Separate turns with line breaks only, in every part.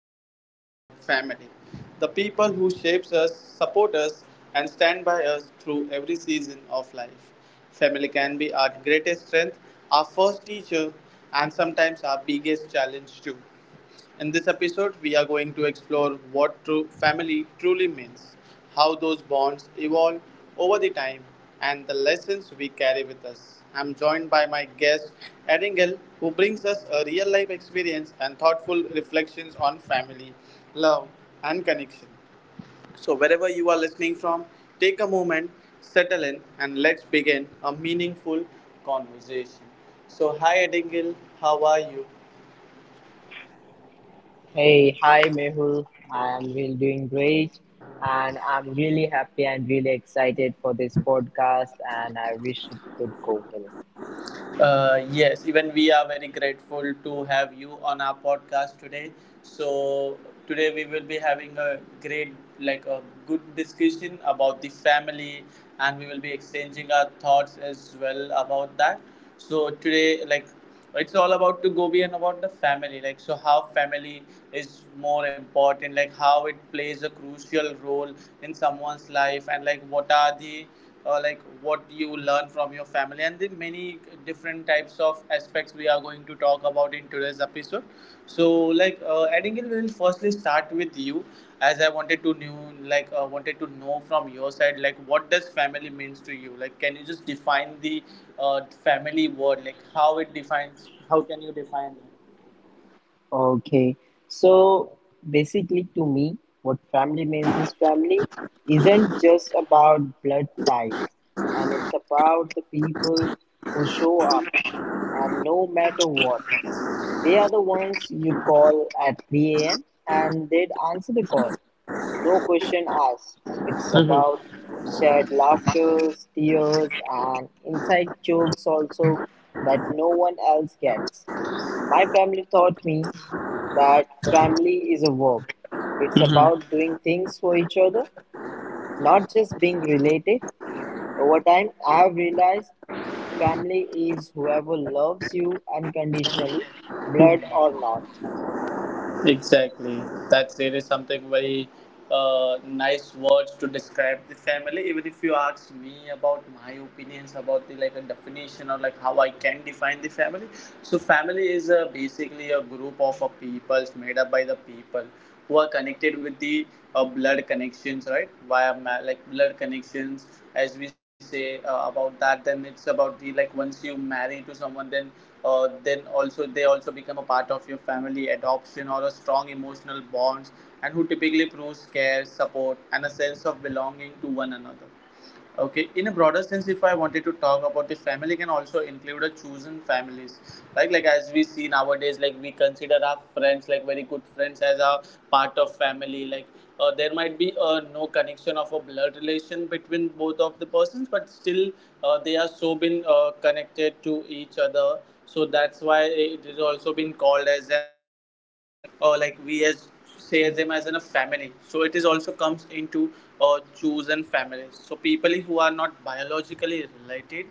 Episode is all about family. The people who shapes us, support us, and stand by us through every season of life. Family can be our greatest strength, our first teacher, and sometimes our biggest challenge, too. In this episode, we are going to explore what true family truly means, how those bonds evolve over the time, and the lessons we carry with us. I'm joined by my guest, Eringal, who brings us a real life experience and thoughtful reflections on family, love, and connection. So, wherever you are listening from, take a moment, settle in, and let's begin a meaningful conversation. So, hi, Eringal, how are you?
Hey, hi Mehul. I am really doing great and I'm really happy and really excited for this podcast and I wish it could go well.
Yes, even we are very grateful to have you on our podcast today. So today we will be having a great, like a good discussion about the family, and we will be exchanging our thoughts as well about that. So today, like it's all about to go beyond about the family, like, so how family is more important, like how it plays a crucial role in someone's life, and like what are the like what you learn from your family, and the many different types of aspects we are going to talk about in today's episode. So, Abigail, we will firstly start with you, as I wanted to know from your side, like, what does family means to you? Like, can you just define the family word? Like, how it defines? How can you define that?
Okay. So basically to me, what family means is family isn't just about blood ties and it's about the people who show up and no matter what. They are the ones you call at 3 a.m. and they'd answer the call. No question asked. It's
Mhm.
about shared laughter, tears, and inside jokes also that no one else gets. My family taught me that family is a work. It's about doing things for each other, not just being related. Over time, I have realized family is whoever loves you unconditionally, blood or not.
Exactly. That's really something very nice words to describe the family. Even if you ask me about my opinions about the like a definition or like how I can define the family, so family is basically a group of a peoples made up by the people who are connected with the blood connections, right? Via like blood connections, as we say about that. Then it's about the like once you marry to someone, then then also they also become a part of your family, adoption or a strong emotional bonds, and who typically proves care, support, and a sense of belonging to one another. Okay, in a broader sense, if I wanted to talk about the family, can also include a chosen families. Like as we see nowadays, like we consider our friends, like very good friends, as a part of family. Like, there might be no connection of a blood relation between both of the persons, but still they are so been connected to each other. So that's why it is also been called as an, like we as say them as in a family, so it is also comes into chosen families. So people who are not biologically related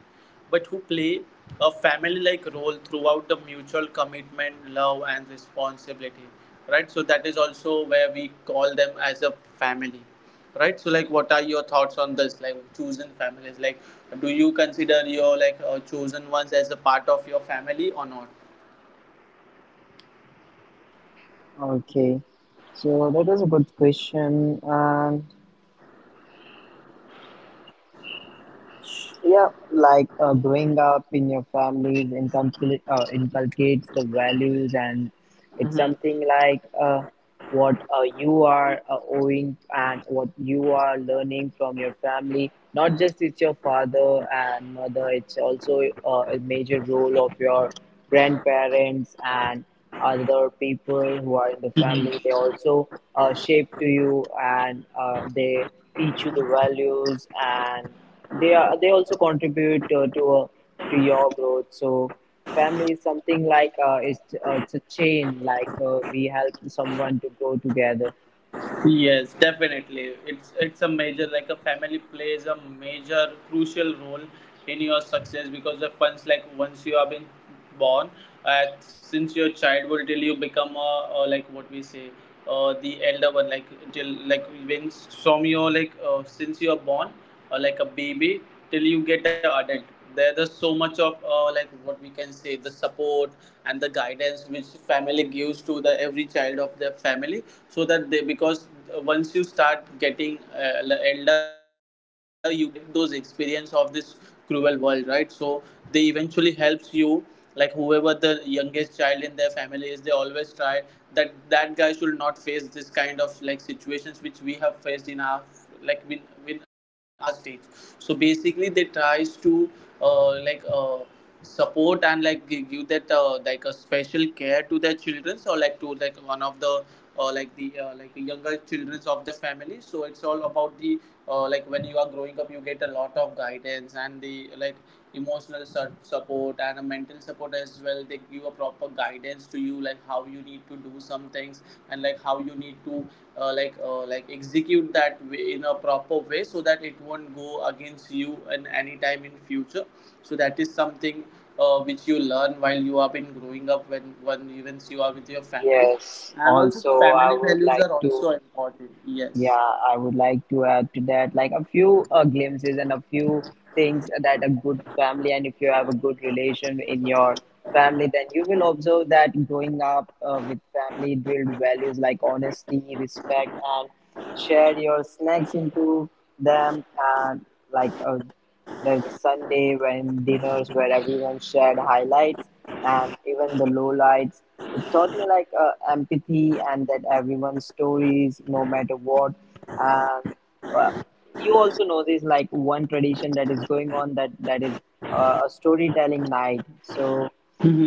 but who play a family like role throughout the mutual commitment, love and responsibility, right? So that is also where we call them as a family, right? So like what are your thoughts on this, like chosen families? Like, do you consider your like chosen ones as a part of your family or not?
Okay, so that was a good question. Yeah, like growing up in your families inculcate, inculcates the values, and it's
Mhm.
something like what you are owing and what you are learning from your family. Not just it's your father and mother; it's also a major role of your grandparents and other people who are in the family they also shape to you and they teach you the values and they also contribute to your growth. So family is something like uh, it's a chain like we help someone to grow together.
Yes, definitely. It's a major, like, a family plays a major crucial role in your success because of funds. Like once you have been born at since your childhood till you become a like what we say the elder one. Like till, like, when from your like since you are born like a baby till you get an adult, there's so much of like what we can say the support and the guidance which family gives to the every child of their family, so that they, because once you start getting elder, you get those experience of this cruel world, right? So they eventually helps you, like whoever the youngest child in their family is, they always try that that guy should not face this kind of like situations which we have faced in our like in our stage. So basically they tries to uh, like uh, support and like give that like a special care to their children, or like to like one of the like the younger children of their family. So it's all about the like when you are growing up you get a lot of guidance and the like emotional support and a mental support as well. They give a proper guidance to you, like how you need to do some things, and like how you need to like execute that in a proper way so that it won't go against you in any time in future. So that is something which you learn while you have been growing up, when even you are with your family,
Yes.
and also the
Also, I
family
would
values
like
are
to.
also important, yes.
Yeah, I would like to add to that like a few glimpses and a few things that a good family, and if you have a good relation in your family, then you will observe that growing up with family build values like honesty, respect, and share your snacks into them. And like there's a Sunday when dinners where everyone shared highlights and even the lowlights. It taught me like empathy and that everyone's stories no matter what. And uh, you also know this like one tradition that is going on that is a storytelling night. So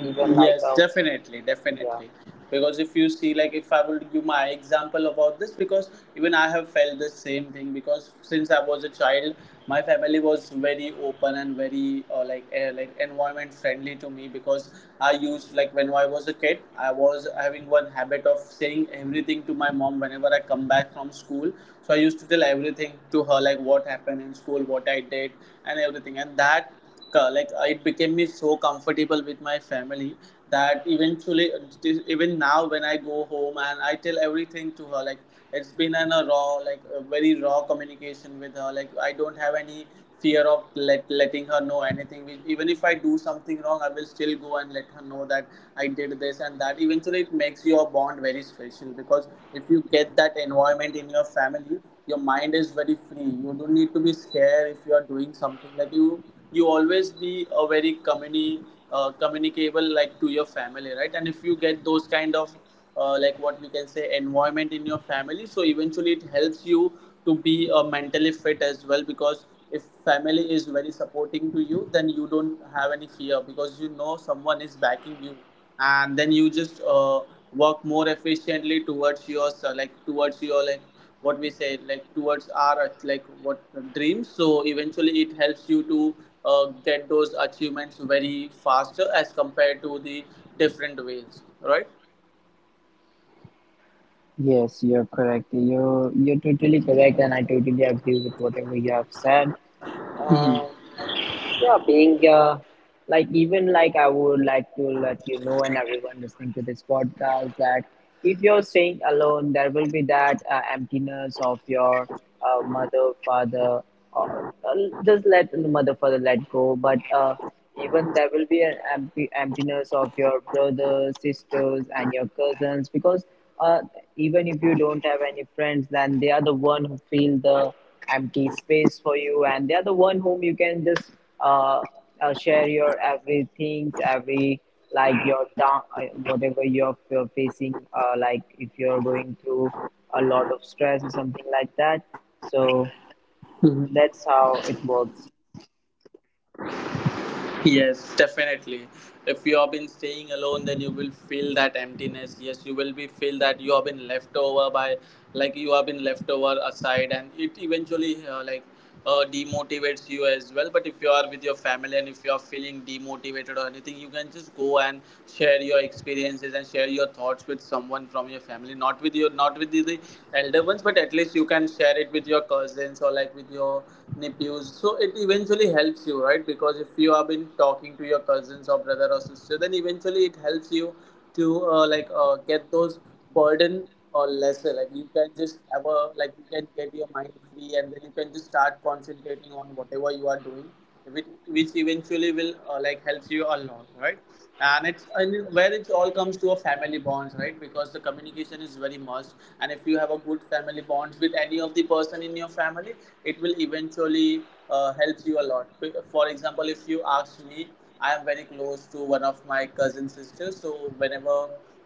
even like
Yes,
a
definitely,
yeah,
definitely. Because if you see, like, if I would give my example about this, because even I have felt the same thing. Because since I was a child, my family was very open and very like environment friendly to me. Because I used like when I was a kid, I was having one habit of saying everything to my mom whenever I come back from school. So I used to tell everything to her, like what happened in school, what I did, and everything. And that it became me so comfortable with my family that eventually even now when I go home and I tell everything to her, like it's been a raw, like a very raw communication with her. Like I don't have any fear of letting her know anything. Even if I do something wrong, I will still go and let her know that I did this, and that eventually it makes your bond very special. Because if you get that environment in your family, your mind is very free, you don't need to be scared if you are doing something. Like you always be a very communicable like to your family, right? And if you get those kind of like what we can say environment in your family, so eventually it helps you to be mentally fit as well. Because if family is very supporting to you, then you don't have any fear, because you know someone is backing you, and then you just work more efficiently towards your like what we say like towards our like what dreams. So eventually it helps you to get those achievements very faster as compared to the different ways, right?
yes, you're correct, you're totally correct and I totally agree with whatever you have said. Um, Yeah, being like even like I would like to let you know and everyone listening to this podcast that if you're staying alone, there will be that emptiness of your mother, father, or just let the mother, father let go. But even there will be an empty emptiness of your brothers, sisters, and your cousins because uh, even if you don't have any friends, then they are the one who fill the empty space for you, and they are the one whom you can just uh, share your everything, every like your down, whatever you're facing, like if you're going through a lot of stress or something like that. So that's how it works.
Yes, definitely. If you have been staying alone, then you will feel that emptiness. Yes, you will be feel that you have been left over by, like you have been left over aside, and it eventually demotivates you as well. But if you are with your family and if you are feeling demotivated or anything, you can just go and experiences and share your thoughts with someone from your family, not with your not with the elder ones, but at least you can share it with your cousins or like with your nephews. So it eventually helps you, right? Because if you have been talking to your cousins or brother or sister, then eventually it helps you to get those burden or lesser, like you can just have a, like you can get your mind free and then you can just start concentrating on whatever you are doing, which, which eventually will like helps you a lot, right? And it's and where it all comes to a family bonds, right? Because the communication is very much, and if you have a good family bonds with any of the person in your family, it will eventually helps you a lot. For example, if you ask me, I am very close to one of my cousin sisters. So whenever,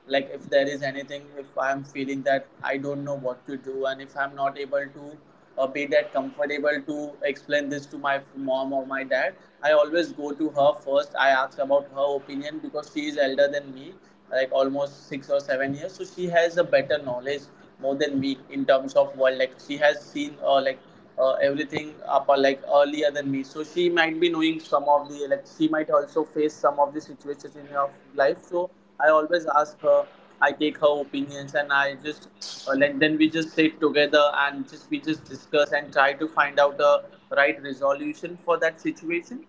like, if there is anything, if I am feeling that I don't know what to do, and if I'm not able to be that comfortable to explain this to my mom or my dad, I always go to her first. I ask about her opinion, because she is elder than me, like almost 6 or 7 years. So she has a better knowledge more than me in terms of world. Like she has seen everything up like earlier than me, so she might be knowing some of the, like, she might also face some of the situations in her life. So I always ask her. I take her opinions, and I just like, then we just sit together and just we just discuss and try to find out the right resolution for that situation.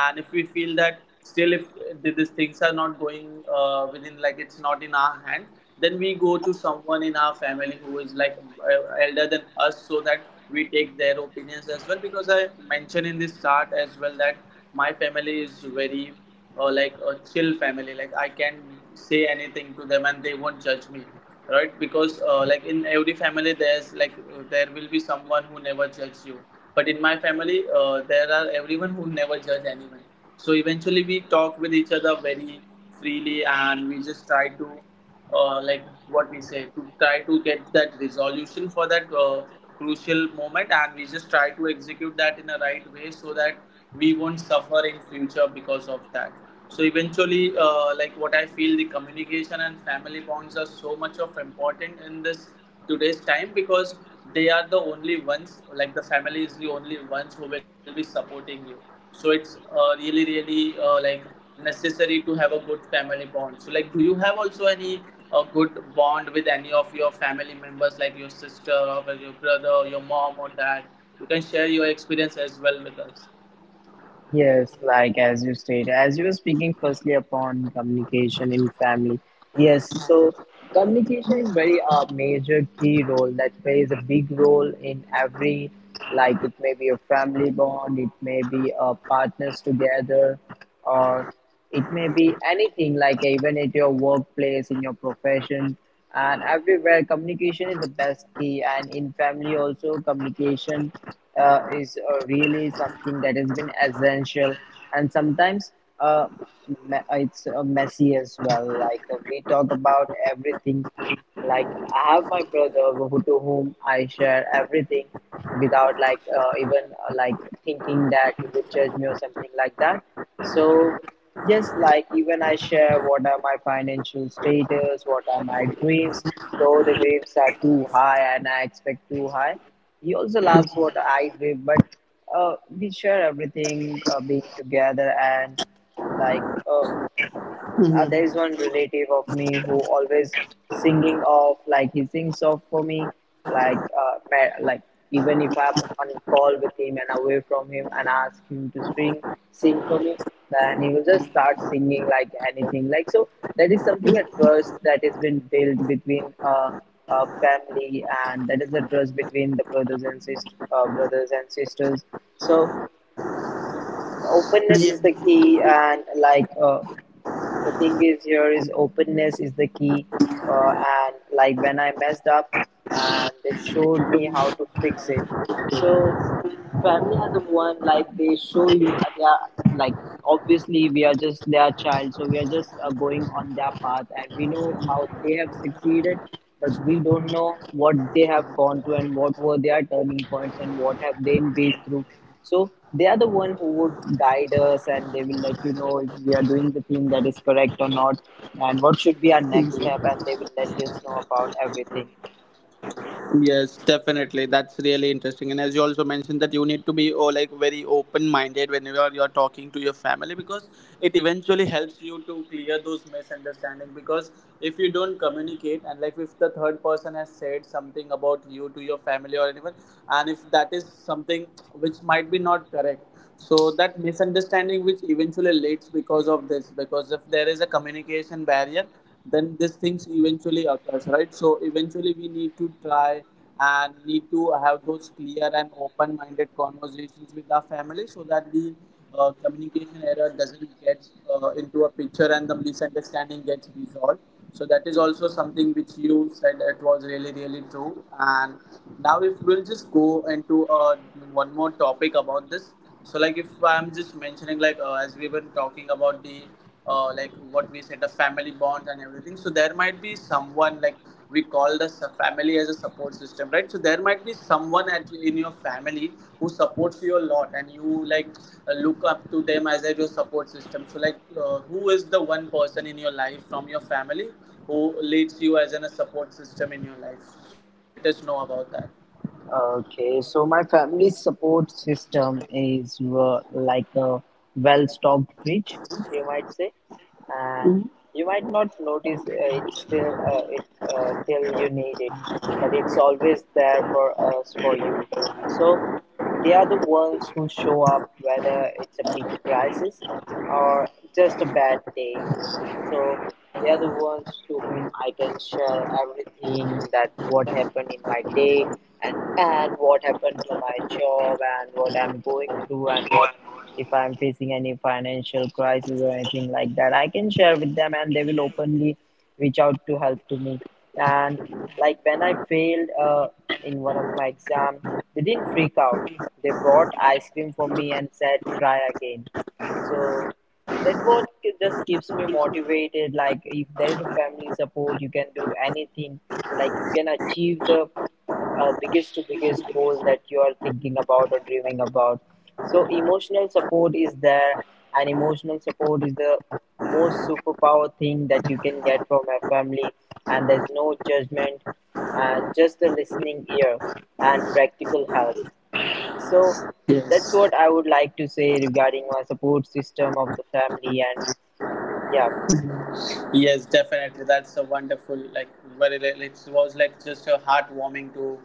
And if we feel that still, if these things are not going within, like, it's not in our hand, then we go to someone in our family who is, like, elder than us, so that we take their opinions as well. Because I mentioned in this start as well that my family is very like a chill family, like I can say anything to them and they won't judge me, right? Because like, in every family there's like there will be someone who never judges you. But in my family, there are everyone who never judge anyone. So eventually we talk with each other very freely, and we just try to like, what we say, to try to get that resolution for that crucial moment, and we just try to execute that in a right way so that we won't suffer in future because of that. So eventually, like, what I feel, the communication and family bonds are so much of important in this today's time, because they are the only ones, like the family is the only ones who will be supporting you. So it's really really like necessary to have a good family bond. So, like, do you have also any a good bond with any of your family members, like your sister or your brother or your mom or dad? You can share your experience as well with us.
Yes, like as you stated, as you were speaking firstly upon communication in family. Yes, so communication is very a major key role that plays a big role in every like it may be a family bond, it may be a partners together, or it may be anything like even at your workplace in your profession, and everywhere communication is the best key. And in family also communication is really something that has been essential. And sometimes uh, it's messy as well like we talk about everything like I have my brother who, to whom I share everything without like even like thinking that he would judge me or something like that. So yes, like even I share what are my financial status, what are my dreams. Though the dreams are too high and I expect too high, he also loves what I dream. But we share everything, being together and like. uh there is one relative of me who always singing of like he sings of for me like like even if I'm on a call with him and away from him and ask him to sing, sing for me, then he will just start singing like anything like. So that is something a trust that has been built between a family, and that is the trust between the brothers and sisters, so openness
Yeah.
is the key, and like the thing is here is openness is the key. uh, and like when I messed up and they showed me how to fix it. So family are the one like they show you they are like obviously we are just their child, so we are just going on their path and we know how they have succeeded, but we don't know what they have gone through and what were their turning points and what have they been through. So they are the one who would guide us and they will let you know if we are doing the thing that is correct or not, and what should be our next step, and they will let us know about everything.
Yes, definitely. That's really interesting. And as you also mentioned that you need to be, oh, like, very open minded whenever you're talking to your family, because it eventually helps you to clear those misunderstanding. Because if you don't communicate, and like, if the third person has said something about you to your family or anyone, and if that is something which might be not correct, so that misunderstanding which eventually leads because of this, because if there is a communication barrier, then these things eventually occurs, right? So eventually we need to try and need to have those clear and open minded conversations with our family, so that the communication error doesn't get into a picture and the misunderstanding gets resolved. So that is also something which you said, it was really really true. And now if we'll just go into one more topic about this. So, like, if I'm just mentioning, like as we were talking about the like what we said, the family bonds and everything, so there might be someone, like we call the family as a support system, right? So there might be someone at, in your family who supports you a lot, and you, like, look up to them as a, your support system. So, like, who is the one person in your life from your family who leads you as an, a support system in your life? So just let us know about that.
Okay, so my family support system is like a well-stocked fridge, you might say, and you might not notice it till you need it, but it's always there for us, for you. So they are the ones who show up whether it's a big crisis or just a bad day. So they are the ones to whom I can share everything, that what happened in my day and and what happened to my job and what I'm going through, and what if I'm facing any financial crisis or anything like that. I can share with them and they will openly reach out to help to me. And like when I failed in one of my exam, they didn't freak out. They brought ice cream for me and said, try again. So that what just keeps me motivated, like if there is a family support you can do anything, like you can achieve the biggest to biggest goal that you are thinking about or dreaming about. So emotional support is there, and emotional support is the most superpower thing that you can get from a family. And there's no judgment and just a listening ear and practical help. So that's
Yes.
what I would like to say regarding my support system of the family. And yeah.
Yes, definitely. That's a wonderful, like, very, it was like just a heartwarming to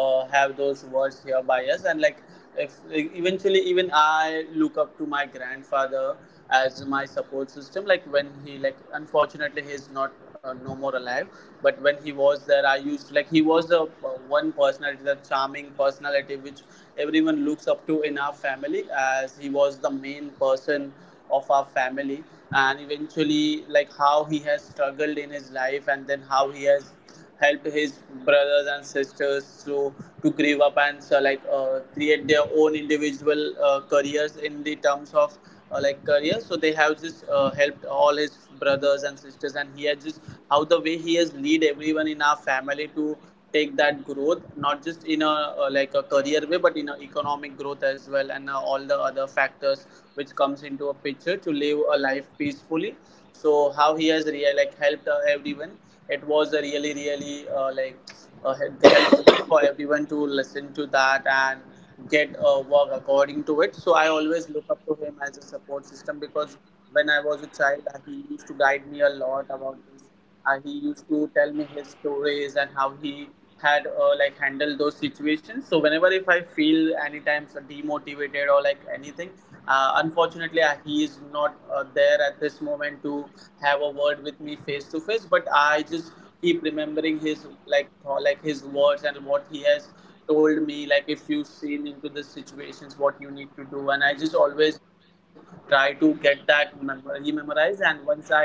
have those words here by us. And, like, if, like, eventually, even I look up to my grandfather as my support system. Like, when he, like, unfortunately, he's not no more alive, but when he was there, I used to, like, he was the one personality, the charming personality which everyone looks up to in our family, as he was the main person of our family. And eventually, like, how he has struggled in his life, and then how he has helped his brothers and sisters to grow up, and so, like, create their own individual careers in the terms of like career. So they have just helped all his brothers and sisters, and he has just, how the way he has lead everyone in our family to take that growth, not just in a like a career way, but in a economic growth as well, and all the other factors which comes into a picture to live a life peacefully. So how he has really, like, helped everyone, it was a really really like helpful for everyone to listen to that and get work according to it. So I always look up to him as a support system, because when I was a child, he used to guide me a lot about this. He used to tell me his stories and how he had like handled those situations. So whenever, if I feel any times demotivated or like anything, unfortunately he is not there at this moment to have a word with me face to face, but I just keep remembering his, like, like his words, and what he has told me, like, if you've seen into the situations, what you need to do. And I just always try to get that memorized, and once I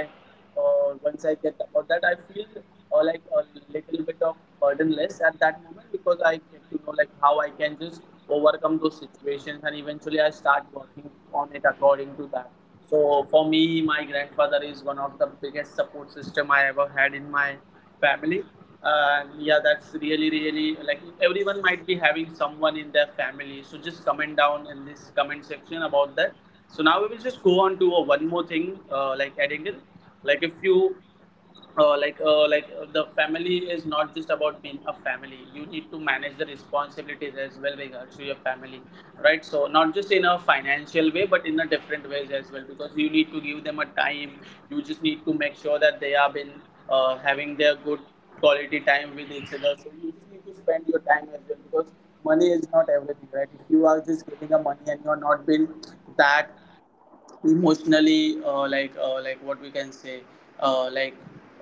once I get about that, I feel like a little bit of burden less at that moment, because I get to know, like, how I can just overcome those situations, and eventually I start working on it according to that. So for me, my grandfather one of the biggest support system I ever had in my family. And yeah, that's really, really, like, everyone might be having someone in their family. So just comment down in this comment section about that. So now we will just go on to one more thing, like adding it, like if you the family is not just about being a family, you need to manage the responsibilities as well regards to your family, right? So not just in a financial way, but in a different ways as well, because you need to give them a time. You just need to make sure that they have been having their good quality time with each other. So you just need to spend your time as well, because money is not everything, right? If you are just giving a money and you're not being that emotionally like what we can say, uh, like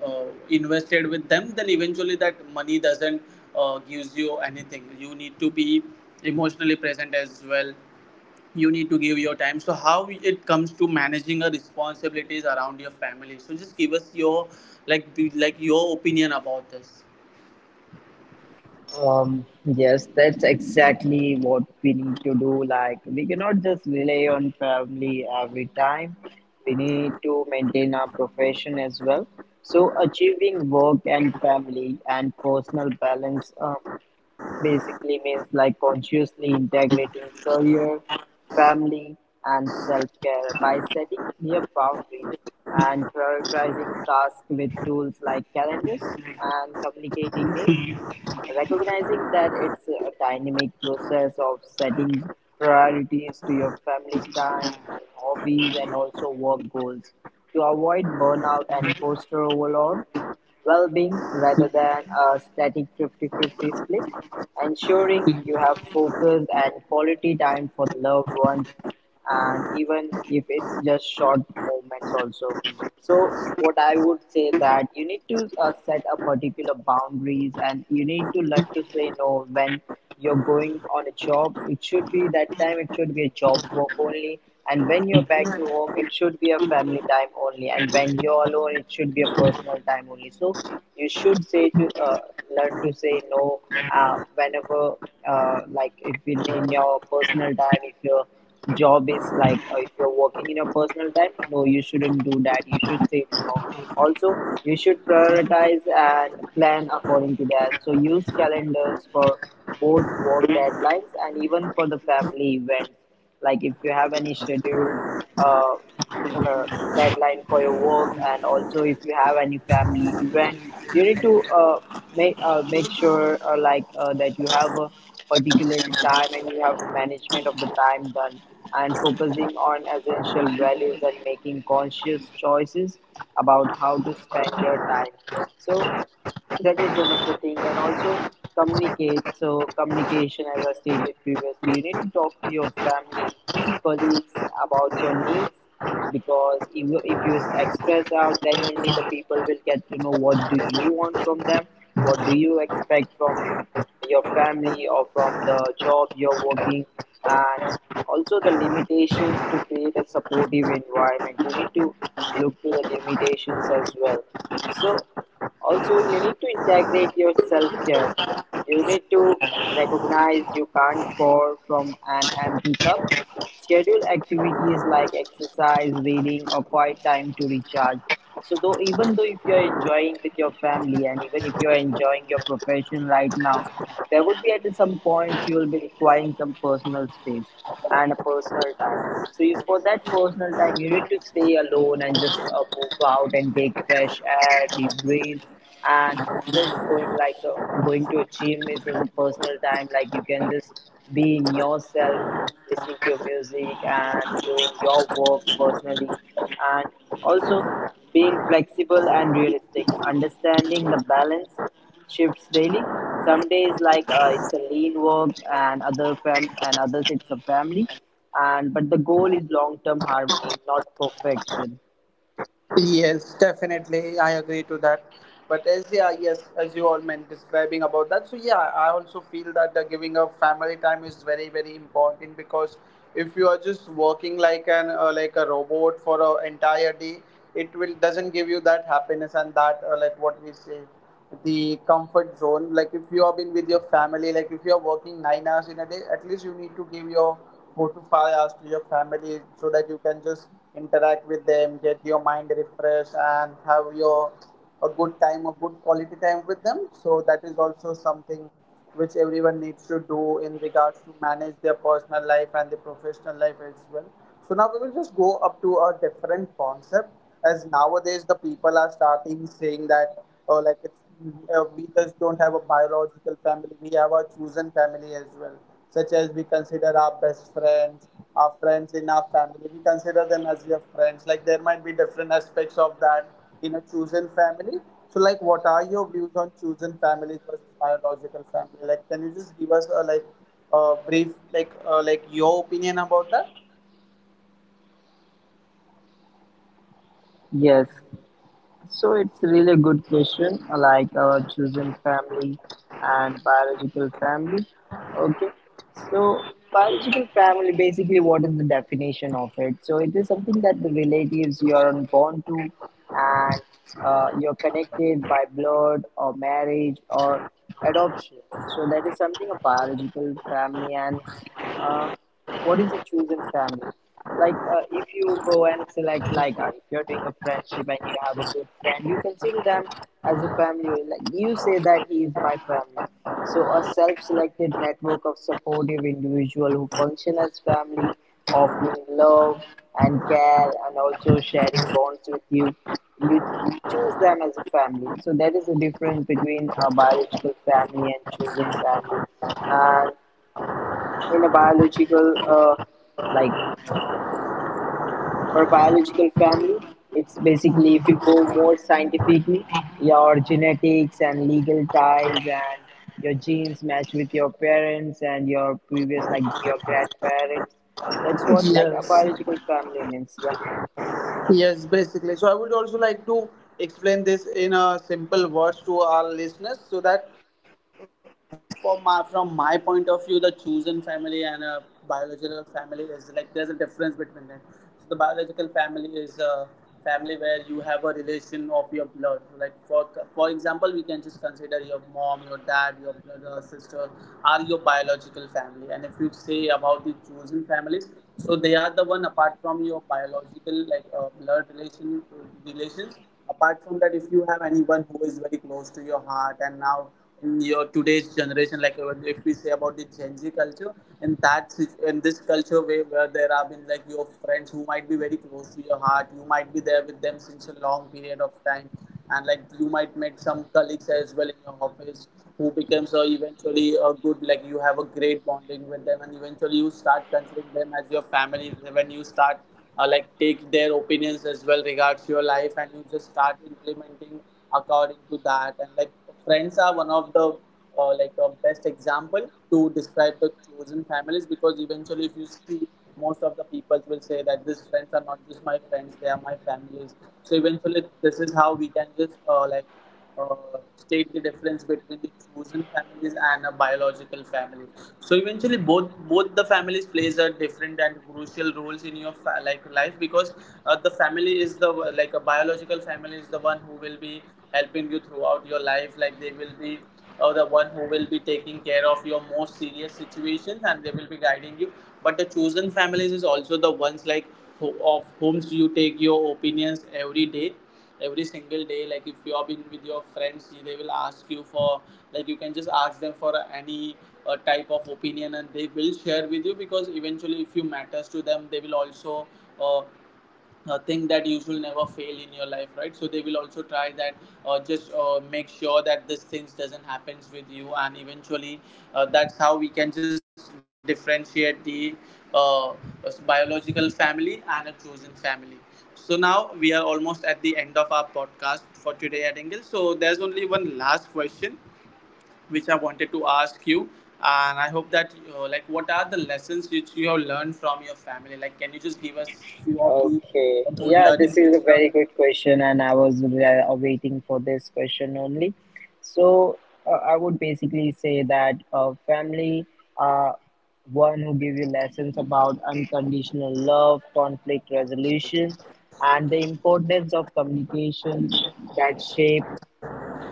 uh, invested with them, then eventually that money doesn't gives you anything. You need to be emotionally present as well. You need to give your time. So how it comes to managing your responsibilities around your family, so just give us your, like, be, like your opinion about this.
Yes, that's exactly what we need to do. Like we cannot just rely on family every time. We need to maintain our profession as well. So achieving work and family and personal balance. Basically means like consciously integrating career, family, and self care by setting clear boundaries and prioritizing tasks with tools like calendars and communicating needs, recognizing that it's a dynamic process of setting priorities to your family time and hobbies and also work goals to avoid burnout and foster overall well-being rather than a static 50-50 split, ensuring you have focus and quality time for the loved ones, and even if it's just short movements also. So what I would say that you need to set a particular boundaries and you need to learn to say no. When you're going on a job it should be that time, it should be a job work only, and when you're back to home it should be a family time only, and when you're alone it should be a personal time only. So you should say to learn to say no whenever like if in your personal time if you're job is like if you're working in your personal time, no, you shouldn't do that, you should say to no. Also you should prioritize and plan according to that. So use calendars for both work deadlines and even for the family events, like if you have any scheduled uh, the deadline for your work and also if you have any family event, you need to make sure that you have a particular time and you have a management of the time done, and focusing on essential values and making conscious choices about how to spend your time. So that was one of the thing. And also communicate. So communication, as I stated previously, you need to talk to your family, colleagues about your needs, because if you express out then only the people will get to know what do you want from them, what do you expect from your family or from the job you're working. And also the limitations, to create a supportive environment you need to look to the limitations as well. So also, you need to integrate your self care. You need to recognize you can't pour from an empty cup. Schedule activities like exercise, reading, or quiet time to recharge. So, though even though if you are enjoying with your family and even if you are enjoying your profession right now, there would be at some points you will be requiring some personal space and a personal time. So you, for that personal time you need to stay alone and just move out and take fresh air, deep breath. And just going like a, going to a gym is also personal time, like you can just be in yourself listening to your music and doing your work personally. And also being flexible and realistic, understanding the balance shifts daily. Some days like it's a lean work, and others it's a family, and but the goal is long term harmony, not perfection.
Yes, definitely, I agree to that. But as, yeah, yes, as you all meant describing about that, so yeah, I also feel that the giving a family time is very very important. Because if you are just working like an like a robot for an entire day, it will doesn't give you that happiness and that like what we say the comfort zone. Like if you have been with your family, like if you are working 9 hours in a day, at least you need to give your 4 to 5 hours to your family, so that you can just interact with them, get your mind refreshed, and have your a good time, a good quality time with them. So that is also something which everyone needs to do in regards to manage their personal life and the professional life as well. So now we will just go up to a different concept, as nowadays the people are starting saying that, oh, like, it's we just don't have a biological family, we have a chosen family as well, such as we consider our best friends, our friends in our family. We consider them as your friends. Like, there might be different aspects of that in a chosen family. So, like, what are your views on chosen families versus biological family? Like, can you just give us a, like, a brief, like, like your opinion about that?
Yes, so it's really a good question, like our chosen family and biological family. Okay, so biological family basically, what is the definition of it? So it is something that the relatives you are born to, and you're connected by blood or marriage or adoption. So that is something a biological family. And uh, what is a chosen family, like if you go and select, like if you're doing a friendship and you have a good friend you consider them as a family, like you say that he is my family. So a self-selected network of supportive individual who function as family, offering love and care and also sharing bonds with you, you choose them as a family. So that is the difference between a biological family and chosen family. And in a biological like for a biological family, it's basically if you go more scientifically, your genetics and legal ties, and your genes match with your parents and your previous like your grandparents. That's what like a
Yes.
biological family means, yeah.
Yes, basically. So I would also like to explain this in a simple words to our listeners, so that for my, from my point of view, the chosen family and a biological family is like there's a difference between them. So the biological family is a family where you have a relation of your blood. So, like, for example, we can just consider your mom, your dad, your brother, sister are your biological family. And if you chosen families, so they are the one apart from your biological, like, blood relation relations. Apart from that, if you have anyone who is very close to your heart, and now in your today's generation, if we say about the gen Z culture and in this culture where there have been like your friends who might be very close to your heart, you might be there with them since a long period of time, and like you might meet some colleagues as well in your office who becomes eventually a good, like you have a great bonding with them, and eventually you start considering them as your family when you start like take their opinions as well regards to your life, and you just start implementing according to that. And like friends are one of the best example to describe the chosen families, because eventually if you see, most of the people will say that these friends are not just my friends, they are my families. So eventually this is how we can just uh, state the difference between the chosen families and a biological family. So eventually both the families plays a different and crucial roles in your life, because the family is the like a biological family is the one who will be helping you throughout your life. Like they will be the one who will be taking care of your most serious situations, and they will be guiding you. But the chosen families is also the ones like of whom you take your opinions every day, every single day. Like if you have been with your friends, they will ask you for, like you can just ask them for any type of opinion, and they will share with you, because eventually if you matters to them, they will also uh, thing that you should never fail in your life, right? So they will also try that, just make sure that this things doesn't happens with you. And eventually, that's how we can just differentiate the uh, biological family and a chosen family. So now we are almost at the end of our podcast for today at Engel. So there's only one last question which I wanted to ask you. And I hope that, like, what are the lessons which you have learned from your family? Like, can you just give us few of the
Okay.
good
Yeah,
learnings
this
which
is
you
a
have
very
learned?
good question, and I was waiting for this question only. So, I would basically say that family are one who give you lessons about unconditional love, conflict resolution, and the importance of communications that shape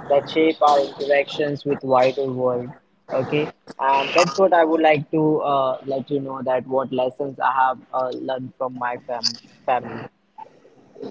that shape our interactions with wider world. Okay, and that's what I would like to let you know, that what lessons I have learned from my family.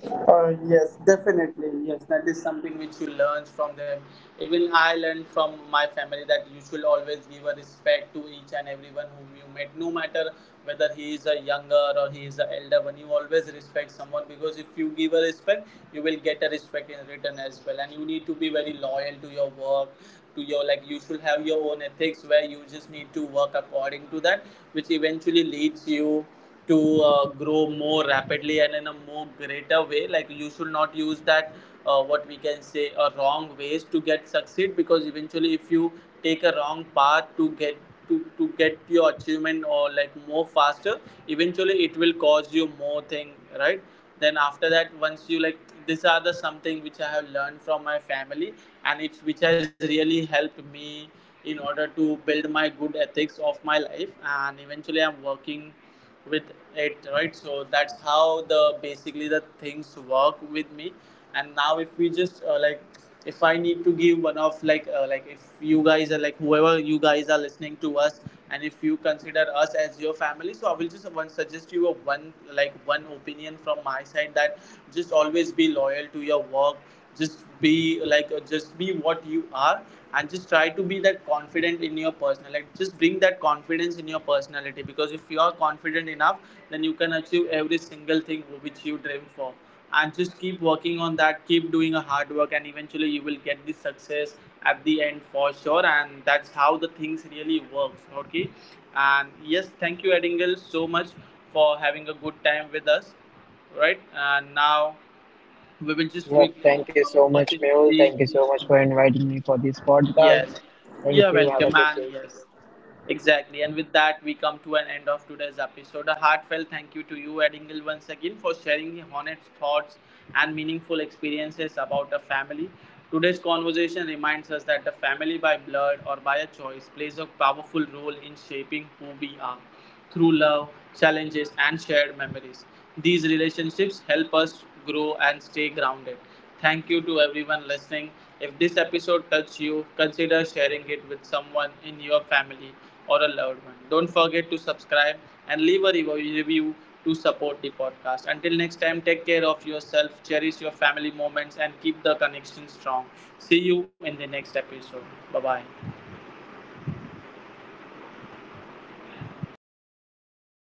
Yes, definitely. Yes, that is something which you learn from them. Even I learned from my family that you should always give a respect to each and everyone whom you met, no matter whether he is a younger or he is an elder one. You always respect someone, because if you give a respect, you will get a respect in return as well. And you need to be very loyal to your work, to your, like you should have your own ethics where you just need to work according to that, which eventually leads you to grow more rapidly and in a more greater way. Like you should not use that, what we can say, a wrong ways to get succeed, because eventually if you take a wrong path to get to get your achievement or like more faster, eventually it will cause you more thing, right? Then after that, once you like, these are the something which I have learned from my family, and it's which has really helped me in order to build my good ethics of my life, and eventually I'm working with it, right? So that's how the basically the things work with me. And now if we just if I need to give one of like, if you guys are like, whoever you guys are listening to us, and if you consider us as your family, so I will just one suggest you a one like one opinion from my side, that just always be loyal to your work. Just be like, just be what you are, and just try to be that confident in your personal, like just bring that confidence in your personality, because if you are confident enough, then you can achieve every single thing which you dream for. And just keep working on that, keep doing a hard work, and eventually you will get the success at the end for sure. And that's how the things really works, okay. And yes, thank you Edingle so much for having a good time with us, right? And now we will just
Yep,
quickly
thank you so much,
get into
Mehul.
the
Thank you so much for inviting me for this podcast.
Yes, you're
Thank you, have
welcome,
a good
and
day.
yes, exactly. And with that, we come to an end of today's episode. A heartfelt thank you to you, Ed Engel, once again for sharing your honest thoughts and meaningful experiences about a family. Today's conversation reminds us that the family, by blood or by a choice, plays a powerful role in shaping who we are through love, challenges, and shared memories. These relationships help us grow and stay grounded. Thank you to everyone listening. If this episode touched you, consider sharing it with someone in your family or a loved one. Don't forget to subscribe and leave a review to support the podcast. Until next time, take care of yourself, cherish your family moments, and keep the connection strong. See you in the next episode. Bye bye.